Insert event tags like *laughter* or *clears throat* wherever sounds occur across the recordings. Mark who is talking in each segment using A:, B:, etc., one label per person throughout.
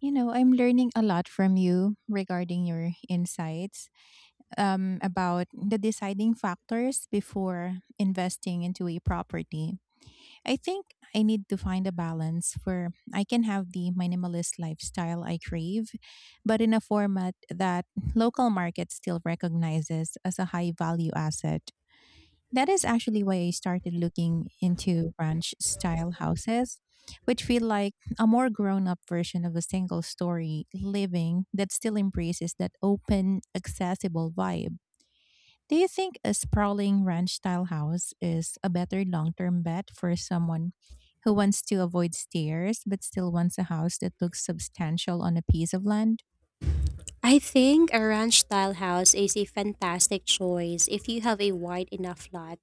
A: You know, I'm learning a lot from you regarding your insights about the deciding factors before investing into a property. I think I need to find a balance where I can have the minimalist lifestyle I crave, but in a format that local market still recognizes as a high value asset. That is actually why I started looking into ranch style houses, which feel like a more grown up version of a single story living that still embraces that open, accessible vibe. Do you think a sprawling ranch style house is a better long term bet for someone who wants to avoid stairs but still wants a house that looks substantial on a piece of land?
B: I think a ranch style house is a fantastic choice if you have a wide enough lot,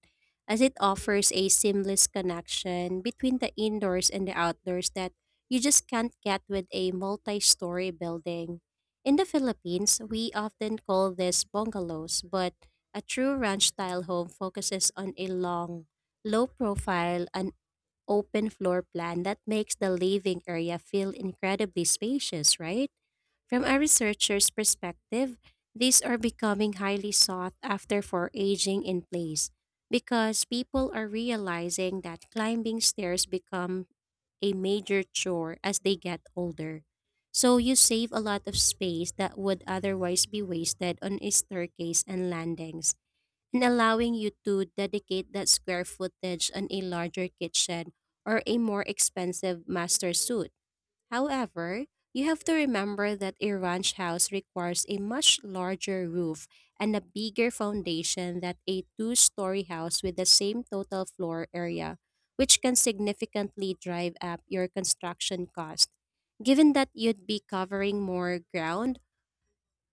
B: as it offers a seamless connection between the indoors and the outdoors that you just can't get with a multi story building. In the Philippines, we often call this bungalows, but a true ranch style home focuses on a long, low profile, and open floor plan that makes the living area feel incredibly spacious, right? From a researcher's perspective, these are becoming highly sought after for aging in place because people are realizing that climbing stairs become a major chore as they get older. So you save a lot of space that would otherwise be wasted on a staircase and landings, and allowing you to dedicate that square footage on a larger kitchen or a more expensive master suite. However, you have to remember that a ranch house requires a much larger roof and a bigger foundation than a two-story house with the same total floor area, which can significantly drive up your construction cost. Given that you'd be covering more ground,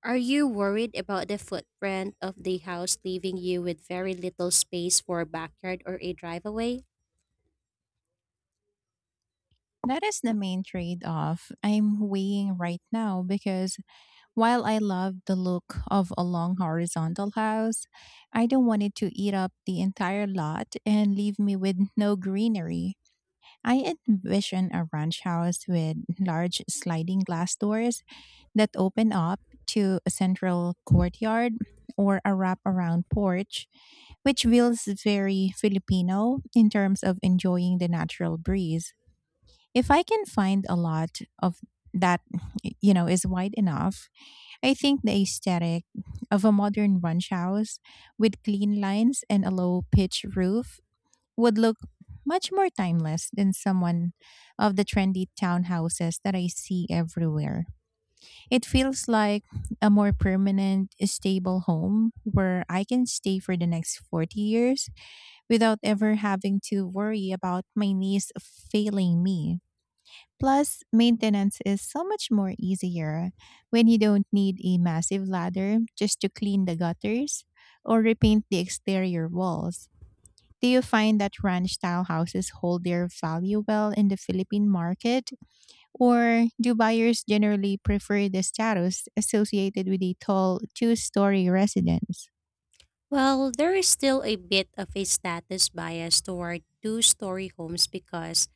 B: are you worried about the footprint of the house leaving you with very little space for a backyard or a driveway?
A: That is the main trade off I'm weighing right now, because while I love the look of a long horizontal house, I don't want it to eat up the entire lot and leave me with no greenery. I envision a ranch house with large sliding glass doors that open up to a central courtyard or a wraparound porch, which feels very Filipino in terms of enjoying the natural breeze. If I can find a lot of that, you know, is wide enough, I think the aesthetic of a modern ranch house with clean lines and a low pitch roof would look much more timeless than someone of the trendy townhouses that I see everywhere. It feels like a more permanent, stable home where I can stay for the next 40 years without ever having to worry about my niece failing me. Plus, maintenance is so much more easier when you don't need a massive ladder just to clean the gutters or repaint the exterior walls. Do you find that ranch style houses hold their value well in the Philippine market, or do buyers generally prefer the status associated with a tall two-story residence?
B: Well, there is still a bit of a status bias toward two-story homes because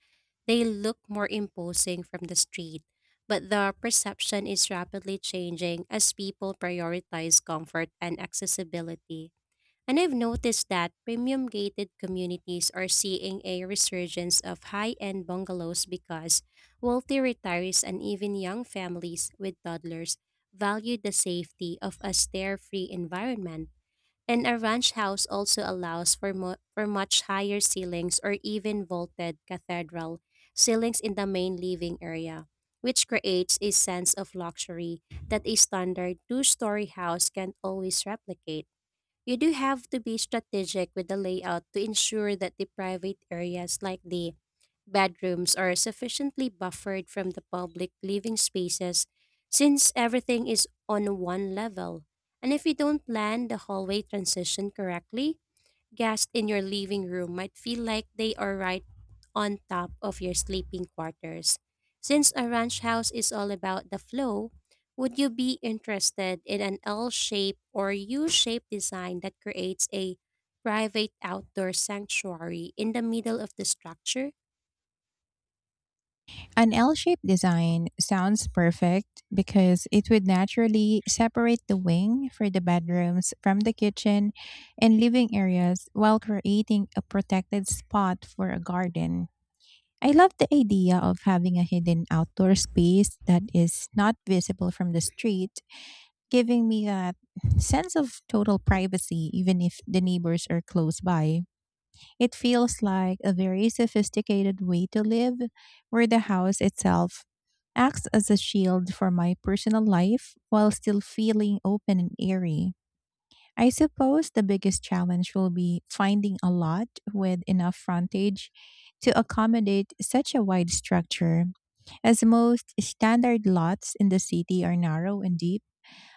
B: they look more imposing from the street, but the perception is rapidly changing as people prioritize comfort and accessibility. And I've noticed that premium gated communities are seeing a resurgence of high end bungalows because wealthy retirees and even young families with toddlers value the safety of a stair free environment. And a ranch house also allows for much higher ceilings or even vaulted cathedral ceilings in the main living area, which creates a sense of luxury that a standard two-story house can't always replicate. You do have to be strategic with the layout to ensure that the private areas, like the bedrooms, are sufficiently buffered from the public living spaces, since everything is on one level. And if you don't plan the hallway transition correctly, guests in your living room might feel like they are right on top of your sleeping quarters. Since a ranch house is all about the flow, would you be interested in an L shape or U shape design that creates a private outdoor sanctuary in the middle of the structure?
A: An L shaped design sounds perfect because it would naturally separate the wing for the bedrooms from the kitchen and living areas while creating a protected spot for a garden. I love the idea of having a hidden outdoor space that is not visible from the street, giving me that sense of total privacy even if the neighbors are close by. It feels like a very sophisticated way to live, where the house itself acts as a shield for my personal life while still feeling open and airy. I suppose the biggest challenge will be finding a lot with enough frontage to accommodate such a wide structure, as most standard lots in the city are narrow and deep.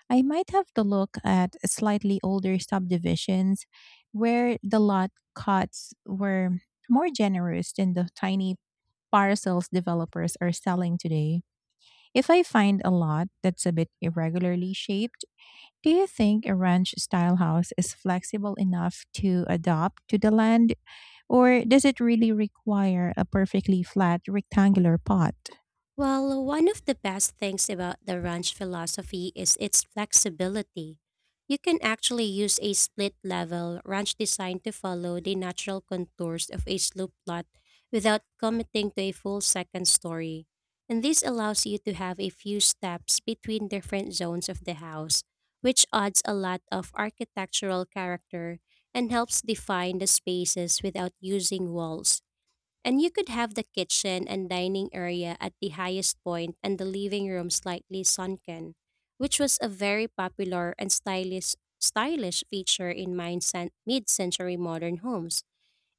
A: I might have to look at slightly older subdivisions where the lot cuts were more generous than the tiny parcels developers are selling today. If I find a lot that's a bit irregularly shaped, do you think a ranch style house is flexible enough to adapt to the land, or does it really require a perfectly flat rectangular pot?
B: Well, one of the best things about the ranch philosophy is its flexibility. You can actually use a split level ranch design to follow the natural contours of a slope lot without committing to a full second story. And this allows you to have a few steps between different zones of the house, which adds a lot of architectural character and helps define the spaces without using walls. And you could have the kitchen and dining area at the highest point and the living room slightly sunken, which was a very popular and stylish feature in mid century modern homes.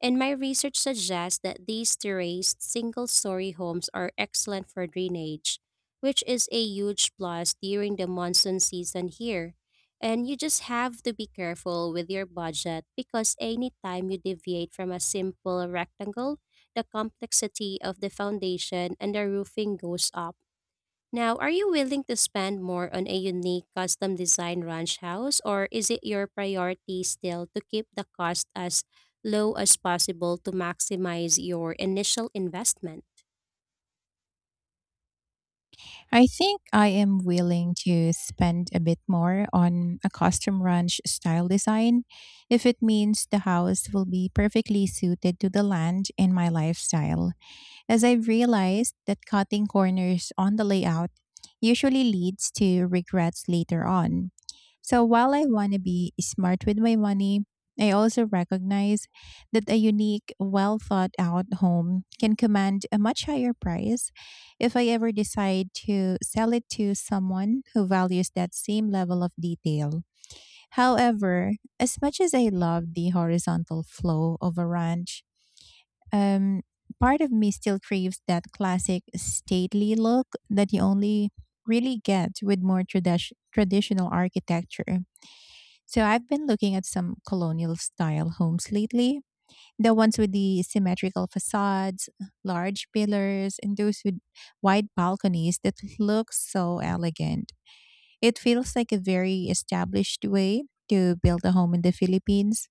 B: And my research suggests that these terraced single story homes are excellent for drainage, which is a huge plus during the monsoon season here. And you just have to be careful with your budget, because anytime you deviate from a simple rectangle, the complexity of the foundation and the roofing goes up. Now, are you willing to spend more on a unique custom design ranch house, or is it your priority still to keep the cost as low as possible to maximize your initial investment?
A: I think I am willing to spend a bit more on a custom ranch style design if it means the house will be perfectly suited to the land and my lifestyle, as I've realized that cutting corners on the layout usually leads to regrets later on. So while I want to be smart with my money, I also recognize that a unique, well thought out home can command a much higher price if I ever decide to sell it to someone who values that same level of detail. However, as much as I love the horizontal flow of a ranch, um, part of me still craves that classic stately look that you only really get with more traditional architecture. So I've been looking at some colonial style homes lately, the ones with the symmetrical facades, large pillars, and those with wide balconies that look so elegant. It feels like a very established way to build a home in the Philippines,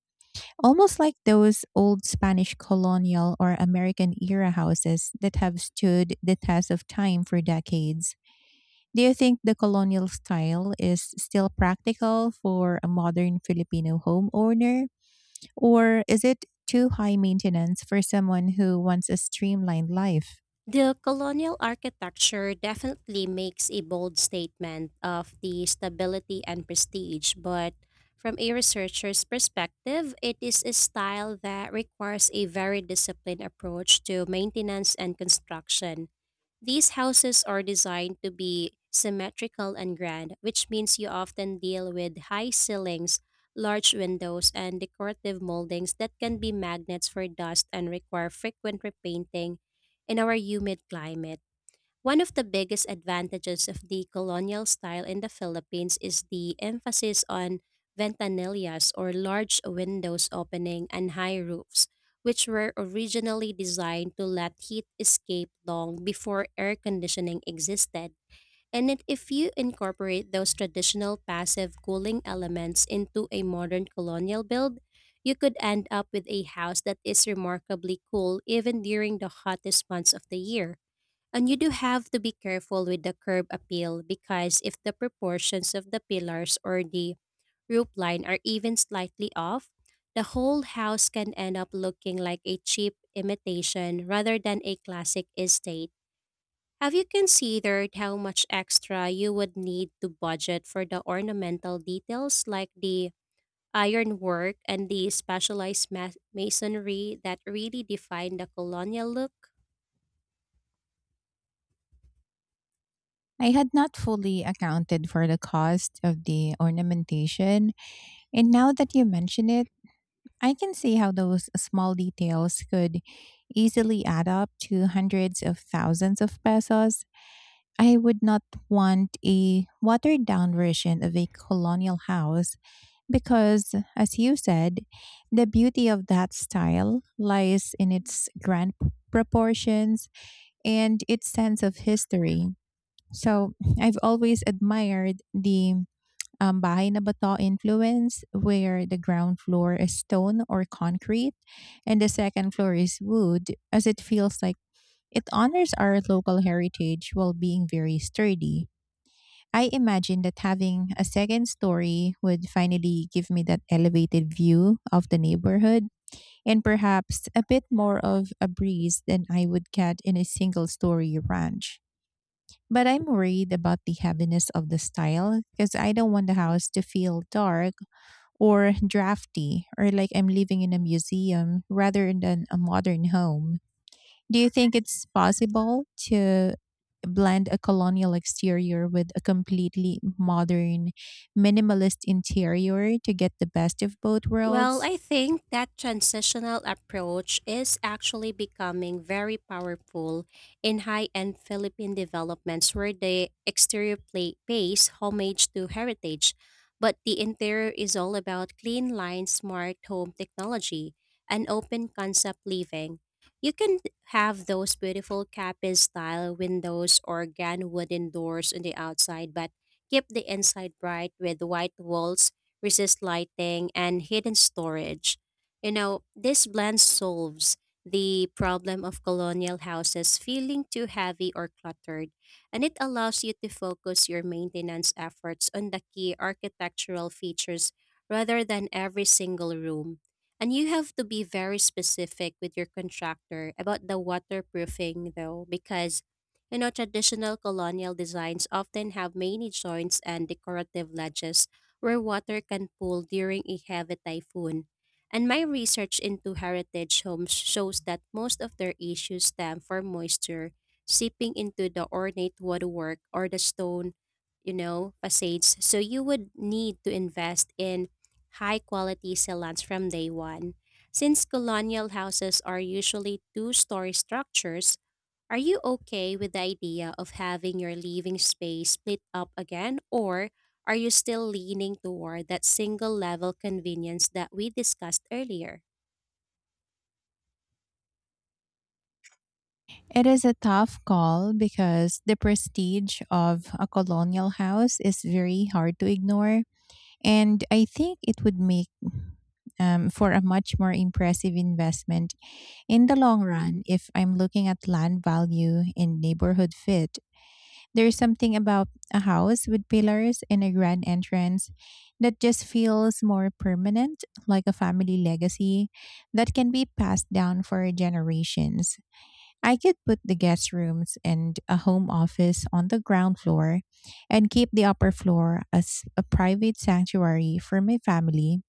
A: almost like those old Spanish colonial or American era houses that have stood the test of time for decades. Do you think the colonial style is still practical for a modern Filipino homeowner, or is it too high maintenance for someone who wants a streamlined life?
B: The colonial architecture definitely makes a bold statement of the stability and prestige, but from a researcher's perspective, it is a style that requires a very disciplined approach to maintenance and construction. These houses are designed to be symmetrical and grand, which means you often deal with high ceilings, large windows, and decorative moldings that can be magnets for dust and require frequent repainting in our humid climate. One of the biggest advantages of the colonial style in the Philippines is the emphasis on ventanillas, or large windows opening and high roofs, which were originally designed to let heat escape long before air conditioning existed. And if you incorporate those traditional passive cooling elements into a modern colonial build, you could end up with a house that is remarkably cool even during the hottest months of the year. And you do have to be careful with the curb appeal, because if the proportions of the pillars or the roof line are even slightly off, the whole house can end up looking like a cheap imitation rather than a classic estate. Have you considered how much extra you would need to budget for the ornamental details, like the ironwork and the specialized masonry that really define the colonial look?
A: I had not fully accounted for the cost of the ornamentation, and now that you mention it, I can see how those small details could easily add up to hundreds of thousands of pesos. I would not want a watered down version of a colonial house because, as you said, the beauty of that style lies in its grand proportions and its sense of history. So I've always admired the bahay na bato influence, where the ground floor is stone or concrete and the second floor is wood, as it feels like it honors our local heritage while being very sturdy. I imagine that having a second story would finally give me that elevated view of the neighborhood and perhaps a bit more of a breeze than I would get in a single story ranch. But I'm worried about the heaviness of the style because I don't want the house to feel dark or drafty or like I'm living in a museum rather than a modern home. Do you think it's possible to blend a colonial exterior with a completely modern minimalist interior to get the best of both
B: Well,
A: worlds?
B: I think that transitional approach is actually becoming very powerful in high end Philippine developments, where the exterior plate pays homage to heritage, but the interior is all about clean line smart home technology and open concept living. You can have those beautiful cabin style windows or gan wooden doors on the outside, but keep the inside bright with white walls, resist lighting, and hidden storage. You know, this blend solves the problem of colonial houses feeling too heavy or cluttered, and it allows you to focus your maintenance efforts on the key architectural features rather than every single room. And you have to be very specific with your contractor about the waterproofing, though, because, you know, traditional colonial designs often have many joints and decorative ledges where water can pool during a heavy typhoon. And my research into heritage homes shows that most of their issues stem from moisture seeping into the ornate woodwork or the stone, you know, facades. So you would need to invest in high quality sealants from day one. Since colonial houses are usually two-story structures, are you okay with the idea of having your living space split up again, or are you still leaning toward that single level convenience that we discussed earlier?
A: It is a tough call because the prestige of a colonial house is very hard to ignore. And I think it would make for a much more impressive investment. In the long run, if I'm looking at land value and neighborhood fit, there's something about a house with pillars and a grand entrance that just feels more permanent, like a family legacy that can be passed down for generations. I could put the guest rooms and a home office on the ground floor and keep the upper floor as a private sanctuary for my family,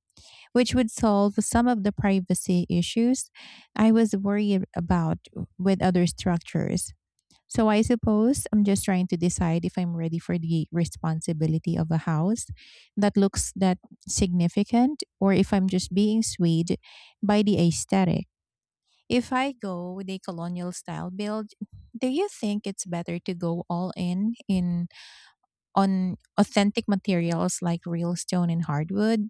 A: which would solve some of the privacy issues I was worried about with other structures. So I suppose I'm just trying to decide if I'm ready for the responsibility of a house that looks that significant, or if I'm just being swayed by the aesthetic. If I go with a colonial style build, do you think it's better to go all in on authentic materials like real stone and hardwood,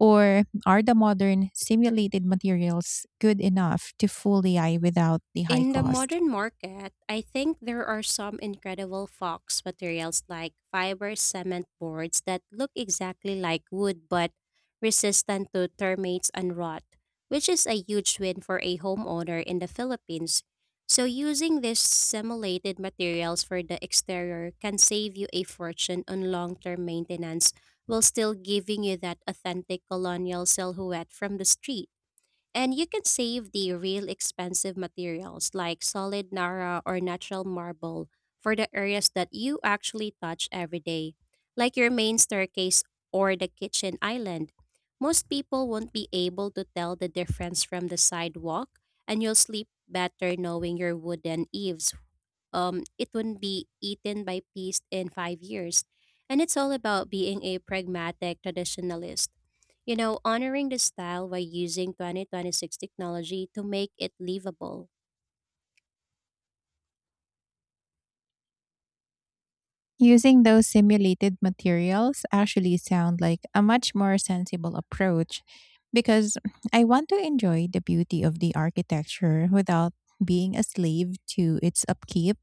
A: or are the modern simulated materials good enough to fool AI without the high
B: In the
A: cost?
B: modern market, I think there are some incredible fox materials, like fiber cement boards that look exactly like wood but resistant to termites and rot, which is a huge win for a homeowner in the Philippines. So, using these simulated materials for the exterior can save you a fortune on long term maintenance while still giving you that authentic colonial silhouette from the street. And you can save the real expensive materials, like solid Nara or natural marble, for the areas that you actually touch every day, like your main staircase or the kitchen island. Most people won't be able to tell the difference from the sidewalk, and you'll sleep better knowing your wooden eaves it wouldn't be eaten by pests in 5 years. And it's all about being a pragmatic traditionalist. You know, honoring the style by using 2026 technology to make it livable.
A: Using those simulated materials actually sound like a much more sensible approach, because I want to enjoy the beauty of the architecture without being a slave to its upkeep.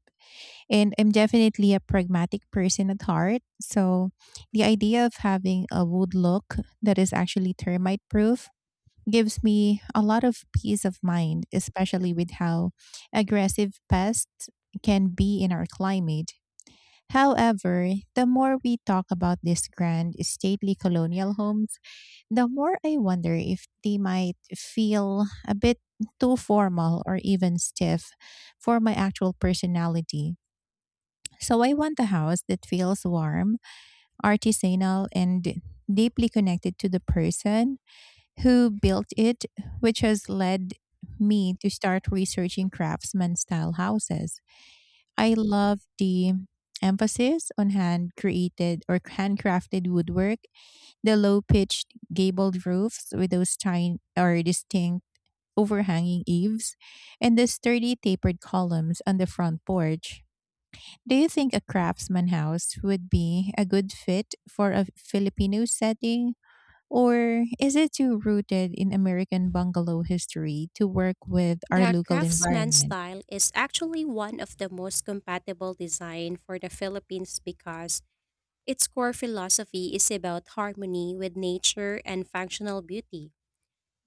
A: And I'm definitely a pragmatic person at heart. So the idea of having a wood look that is actually termite proof gives me a lot of peace of mind, especially with how aggressive pests can be in our climate. However, the more we talk about these grand stately colonial homes, the more I wonder if they might feel a bit too formal or even stiff for my actual personality. So I want a house that feels warm, artisanal, and deeply connected to the person who built it, which has led me to start researching craftsman style houses. I love the emphasis on hand created or handcrafted woodwork, the low pitched gabled roofs with those tiny or distinct overhanging eaves, and the sturdy tapered columns on the front porch. Do you think a craftsman house would be a good fit for a Filipino setting? Or is it too rooted in American bungalow history to work with our
B: The
A: local
B: craftsman
A: environment?
B: style is actually one of the most compatible design for the Philippines, because its core philosophy is about harmony with nature and functional beauty.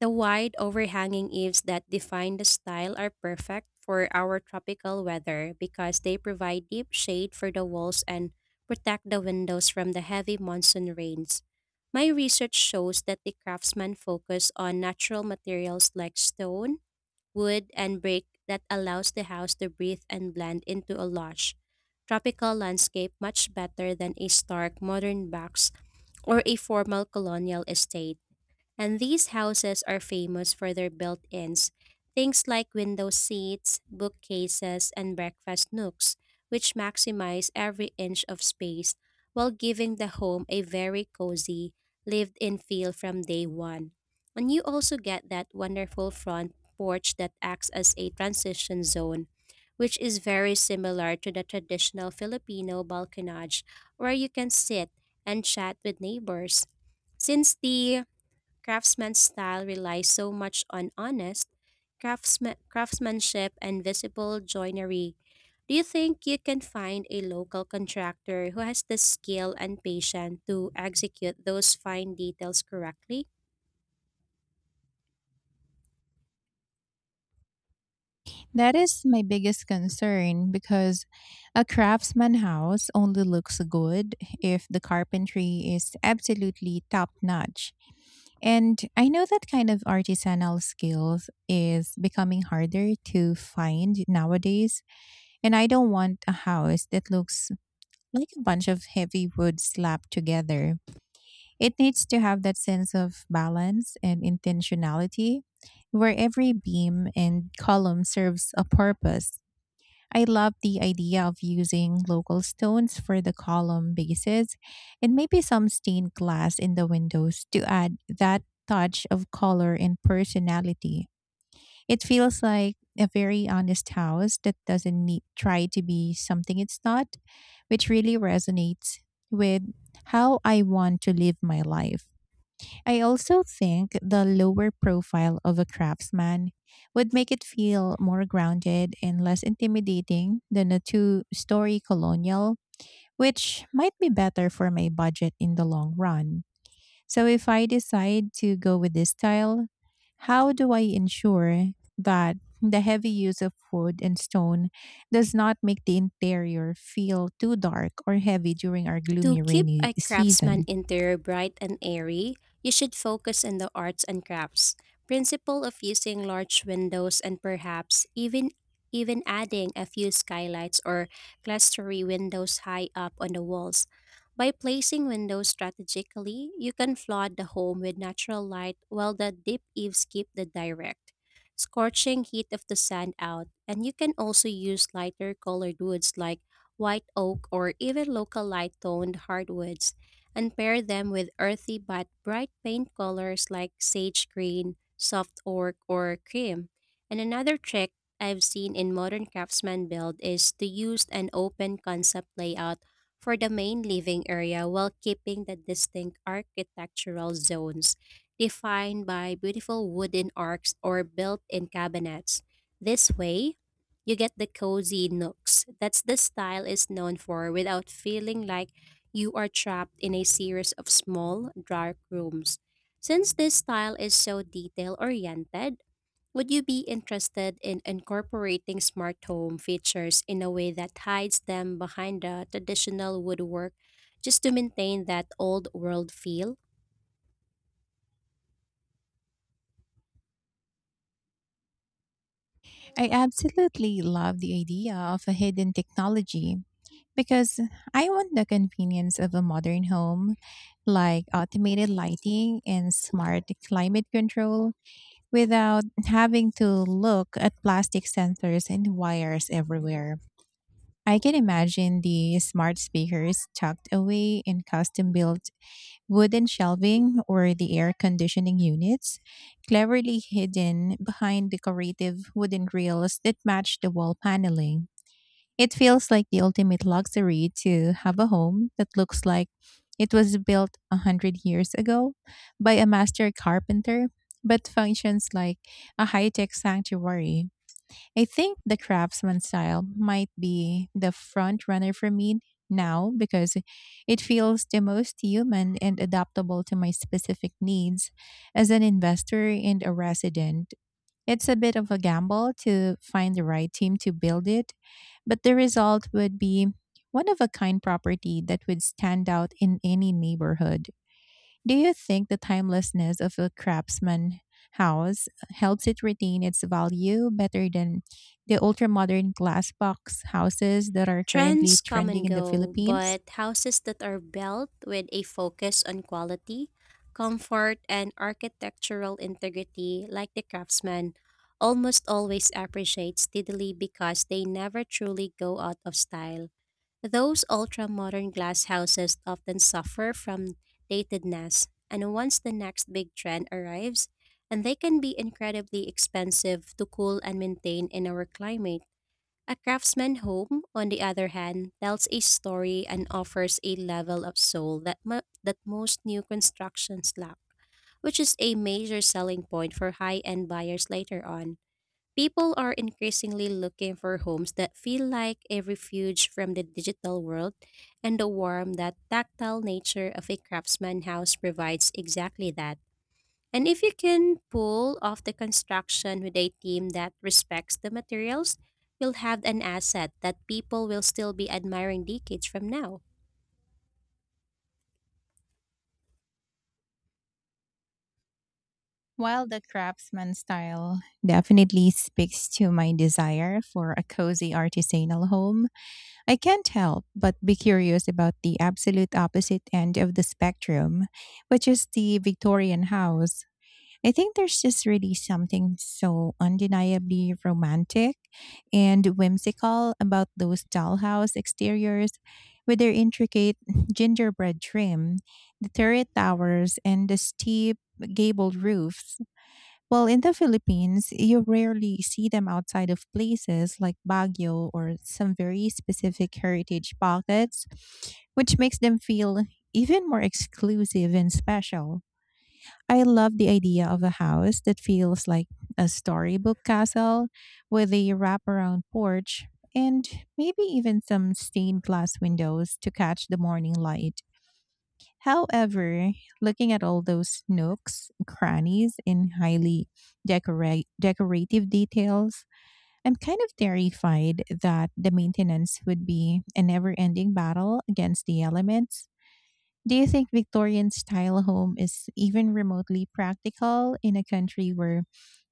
B: The wide overhanging eaves that define the style are perfect for our tropical weather, because they provide deep shade for the walls and protect the windows from the heavy monsoon rains. My research shows that the craftsmen focus on natural materials like stone, wood, and brick that allows the house to breathe and blend into a lush, tropical landscape much better than a stark modern box or a formal colonial estate. And these houses are famous for their built ins, things like window seats, bookcases, and breakfast nooks, which maximize every inch of space while giving the home a very cozy, lived in feel from day one. And you also get that wonderful front porch that acts as a transition zone, which is very similar to the traditional Filipino balconage, where you can sit and chat with neighbors. Since the Craftsman's style relies so much on honest craftsmanship and visible joinery, do you think you can find a local contractor who has the skill and patience to execute those fine details correctly?
A: That is my biggest concern, because a craftsman house only looks good if the carpentry is absolutely top notch. And I know that kind of artisanal skills is becoming harder to find nowadays. And I don't want a house that looks like a bunch of heavy wood slapped together. It needs to have that sense of balance and intentionality, where every beam and column serves a purpose. I love the idea of using local stones for the column bases and maybe some stained glass in the windows to add that touch of color and personality. It feels like a very honest house that doesn't need, try to be something it's not, which really resonates with how I want to live my life. I also think the lower profile of a craftsman would make it feel more grounded and less intimidating than a two-story colonial, which might be better for my budget in the long run. So, if I decide to go with this style, how do I ensure that the heavy use of wood and stone does not make the interior feel too dark or heavy during our
B: To
A: gloomy
B: keep
A: rainy
B: a craftsman
A: season?
B: interior bright and airy, you should focus on the arts and crafts principle of using large windows, and perhaps even adding a few skylights or clustery windows high up on the walls. By placing windows strategically, you can flood the home with natural light while the deep eaves keep the direct, scorching heat of the sand out, and you can also use lighter colored woods, like white oak, or even local light toned hardwoods, and pair them with earthy but bright paint colors like sage green, soft oak, or cream. And another trick I've seen in modern craftsman build is to use an open concept layout for the main living area while keeping the distinct architectural zones defined by beautiful wooden arcs or built in cabinets. This way, you get the cozy nooks that's the style is known for without feeling like you are trapped in a series of small, dark rooms. Since this style is so detail oriented, would you be interested in incorporating smart home features in a way that hides them behind the traditional woodwork just to maintain that old world feel?
A: I absolutely love the idea of a hidden technology, because I want the convenience of a modern home, like automated lighting and smart climate control, without having to look at plastic sensors and wires everywhere. I can imagine the smart speakers tucked away in custom built wooden shelving or the air conditioning units, cleverly hidden behind decorative wooden rails that match the wall paneling. It feels like the ultimate luxury to have a home that looks like it was built 100 years ago by a master carpenter, but functions like a high tech sanctuary. I think the craftsman style might be the front runner for me now because it feels the most human and adaptable to my specific needs as an investor and a resident. It's a bit of a gamble to find the right team to build it, but the result would be one of a kind property that would stand out in any neighborhood. Do you think the timelessness of a craftsman house helps it retain its value better than the ultramodern glass box houses that are currently
B: Trends come
A: trending
B: and
A: in the
B: go,
A: Philippines?
B: but houses that are built with a focus on quality, comfort, and architectural integrity, like the craftsman, almost always appreciate steadily because they never truly go out of style. Those ultra modern glass houses often suffer from datedness, and once the next big trend arrives, and they can be incredibly expensive to cool and maintain in our climate. A craftsman's home, on the other hand, tells a story and offers a level of soul that, that most new constructions lack, which is a major selling point for high end buyers later on. People are increasingly looking for homes that feel like a refuge from the digital world, and the warm, that tactile nature of a craftsman house provides exactly that. And if you can pull off the construction with a team that respects the materials, you'll have an asset that people will still be admiring decades from now.
A: While the craftsman style definitely speaks to my desire for a cozy artisanal home, I can't help but be curious about the absolute opposite end of the spectrum, which is the Victorian house. I think there's just really something so undeniably romantic and whimsical about those dollhouse exteriors with their intricate *laughs* gingerbread trim, the turret towers, and the steep gabled roofs. Well, in the Philippines, you rarely see them outside of places like Baguio or some very specific heritage pockets, which makes them feel even more exclusive and special. I love the idea of a house that feels like a storybook castle with a wraparound porch and maybe even some stained glass windows to catch the morning light. However, looking at all those nooks, crannies, and highly decorative details, I'm kind of terrified that the maintenance would be a never ending battle against the elements. Do you think Victorian style home is even remotely practical in a country where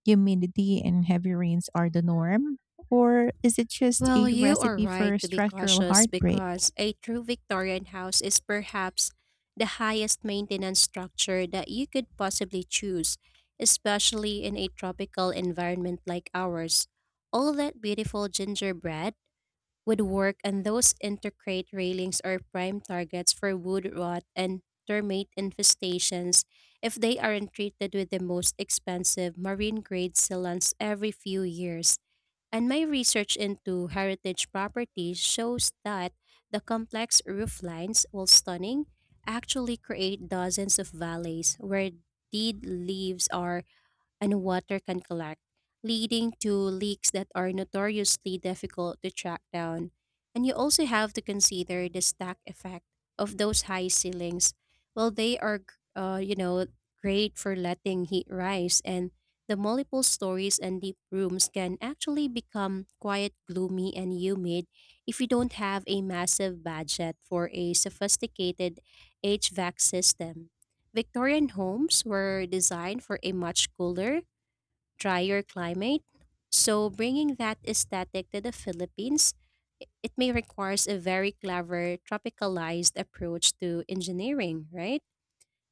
A: humidity and heavy rains are the norm? Or is it just
B: Well,
A: a
B: you are
A: recipe
B: right
A: for
B: to be
A: structural
B: cautious
A: heartbreak?
B: because a true Victorian house is perhaps the highest maintenance structure that you could possibly choose, especially in a tropical environment like ours. All that beautiful gingerbread would work, and those intercrate railings are prime targets for wood rot and termite infestations if they aren't treated with the most expensive marine grade sealants every few years. And my research into heritage properties shows that the complex roof lines, while stunning, actually create dozens of valleys where dead leaves are and water can collect, leading to leaks that are notoriously difficult to track down. And you also have to consider the stack effect of those high ceilings. Well, they are, uh, you know, great for letting heat rise, and the multiple stories and deep rooms can actually become quite gloomy and humid if you don't have a massive budget for a sophisticated HVAC system. Victorian homes were designed for a much cooler drier climate. So bringing that aesthetic to the Philippines, it may requires a very clever tropicalized approach to engineering, right?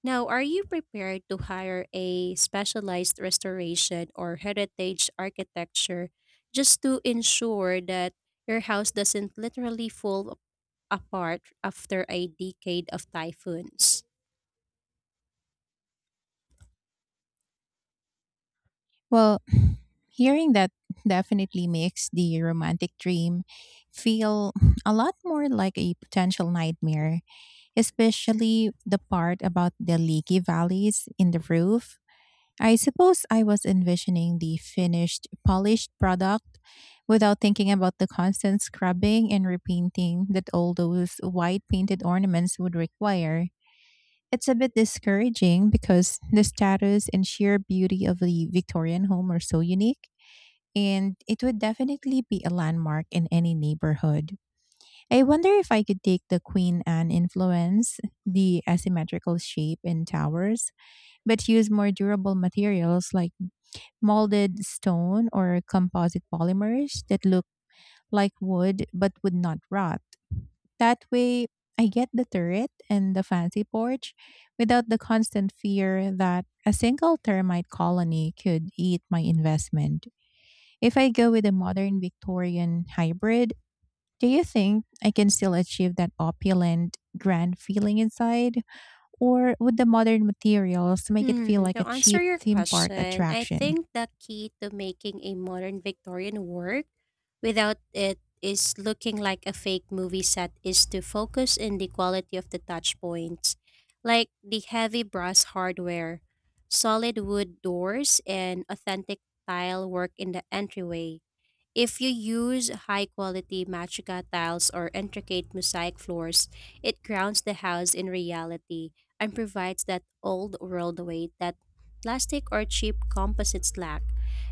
B: Now, are you prepared to hire a specialized restoration or heritage architecture just to ensure that your house doesn't literally fall apart after a decade of typhoons?
A: Well, *sighs* *clears throat* hearing that definitely makes the romantic dream feel *clears throat* a lot more like a potential nightmare, especially the part about the leaky valleys in the roof. I suppose I was envisioning the finished, polished product without thinking about the constant scrubbing and repainting that all those white painted ornaments would require. It's a bit discouraging because the status and sheer beauty of the Victorian home are so unique, and it would definitely be a landmark in any neighborhood. I wonder if I could take the Queen Anne influence, the asymmetrical shape and towers, but use more durable materials like molded stone or composite polymers that look like wood but would not rot. That way, I get the turret and the fancy porch without the constant fear that a single termite colony could eat my investment. If I go with a modern Victorian hybrid, do you think I can still achieve that opulent, grand feeling inside? Or would the modern materials make it feel
B: Hmm,
A: like
B: to
A: a
B: answer
A: cheap
B: your
A: theme park
B: question, I
A: attraction?
B: think the key to making a modern Victorian work without it is looking like a fake movie set is to focus in the quality of the touch points, like the heavy brass hardware, solid wood doors, and authentic tile work in the entryway. If you use high quality matrica tiles or intricate mosaic floors, it grounds the house in reality and provides that old world weight that plastic or cheap composites lack.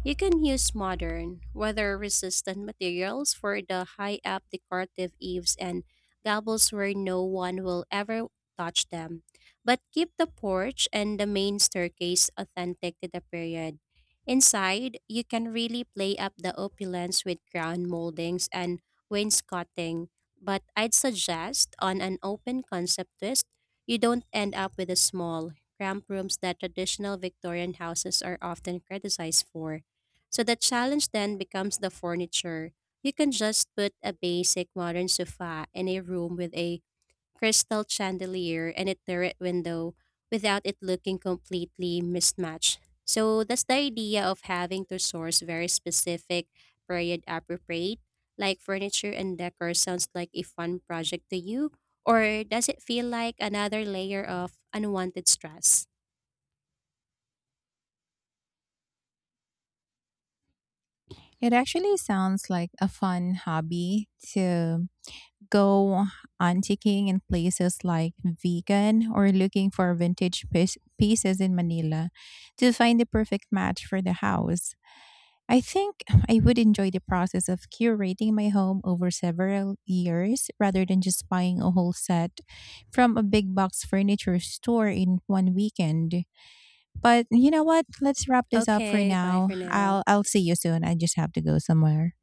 B: You can use modern, weather resistant materials for the high up decorative eaves and gables where no one will ever touch them. But keep the porch and the main staircase authentic to the period. Inside, you can really play up the opulence with crown moldings and wainscoting, but I'd suggest on an open concept twist, you don't end up with the small, cramped rooms that traditional Victorian houses are often criticized for. So the challenge then becomes the furniture. You can just put a basic modern sofa in a room with a crystal chandelier and a turret window without it looking completely mismatched. So that's the idea of having to source very specific period appropriate, like furniture and decor sounds like a fun project to you, or does it feel like another layer of unwanted stress?
A: It actually sounds like a fun hobby to go antiquing in places like Vegan or looking for pieces in Manila to find the perfect match for the house. I think I would enjoy the process of curating my home over several years rather than just buying a whole set from a big box furniture store in one weekend. But you know what? Let's wrap this up for
B: Okay, bye
A: now.
B: for
A: I'll
B: now.
A: I'll see you soon. I just have to go somewhere.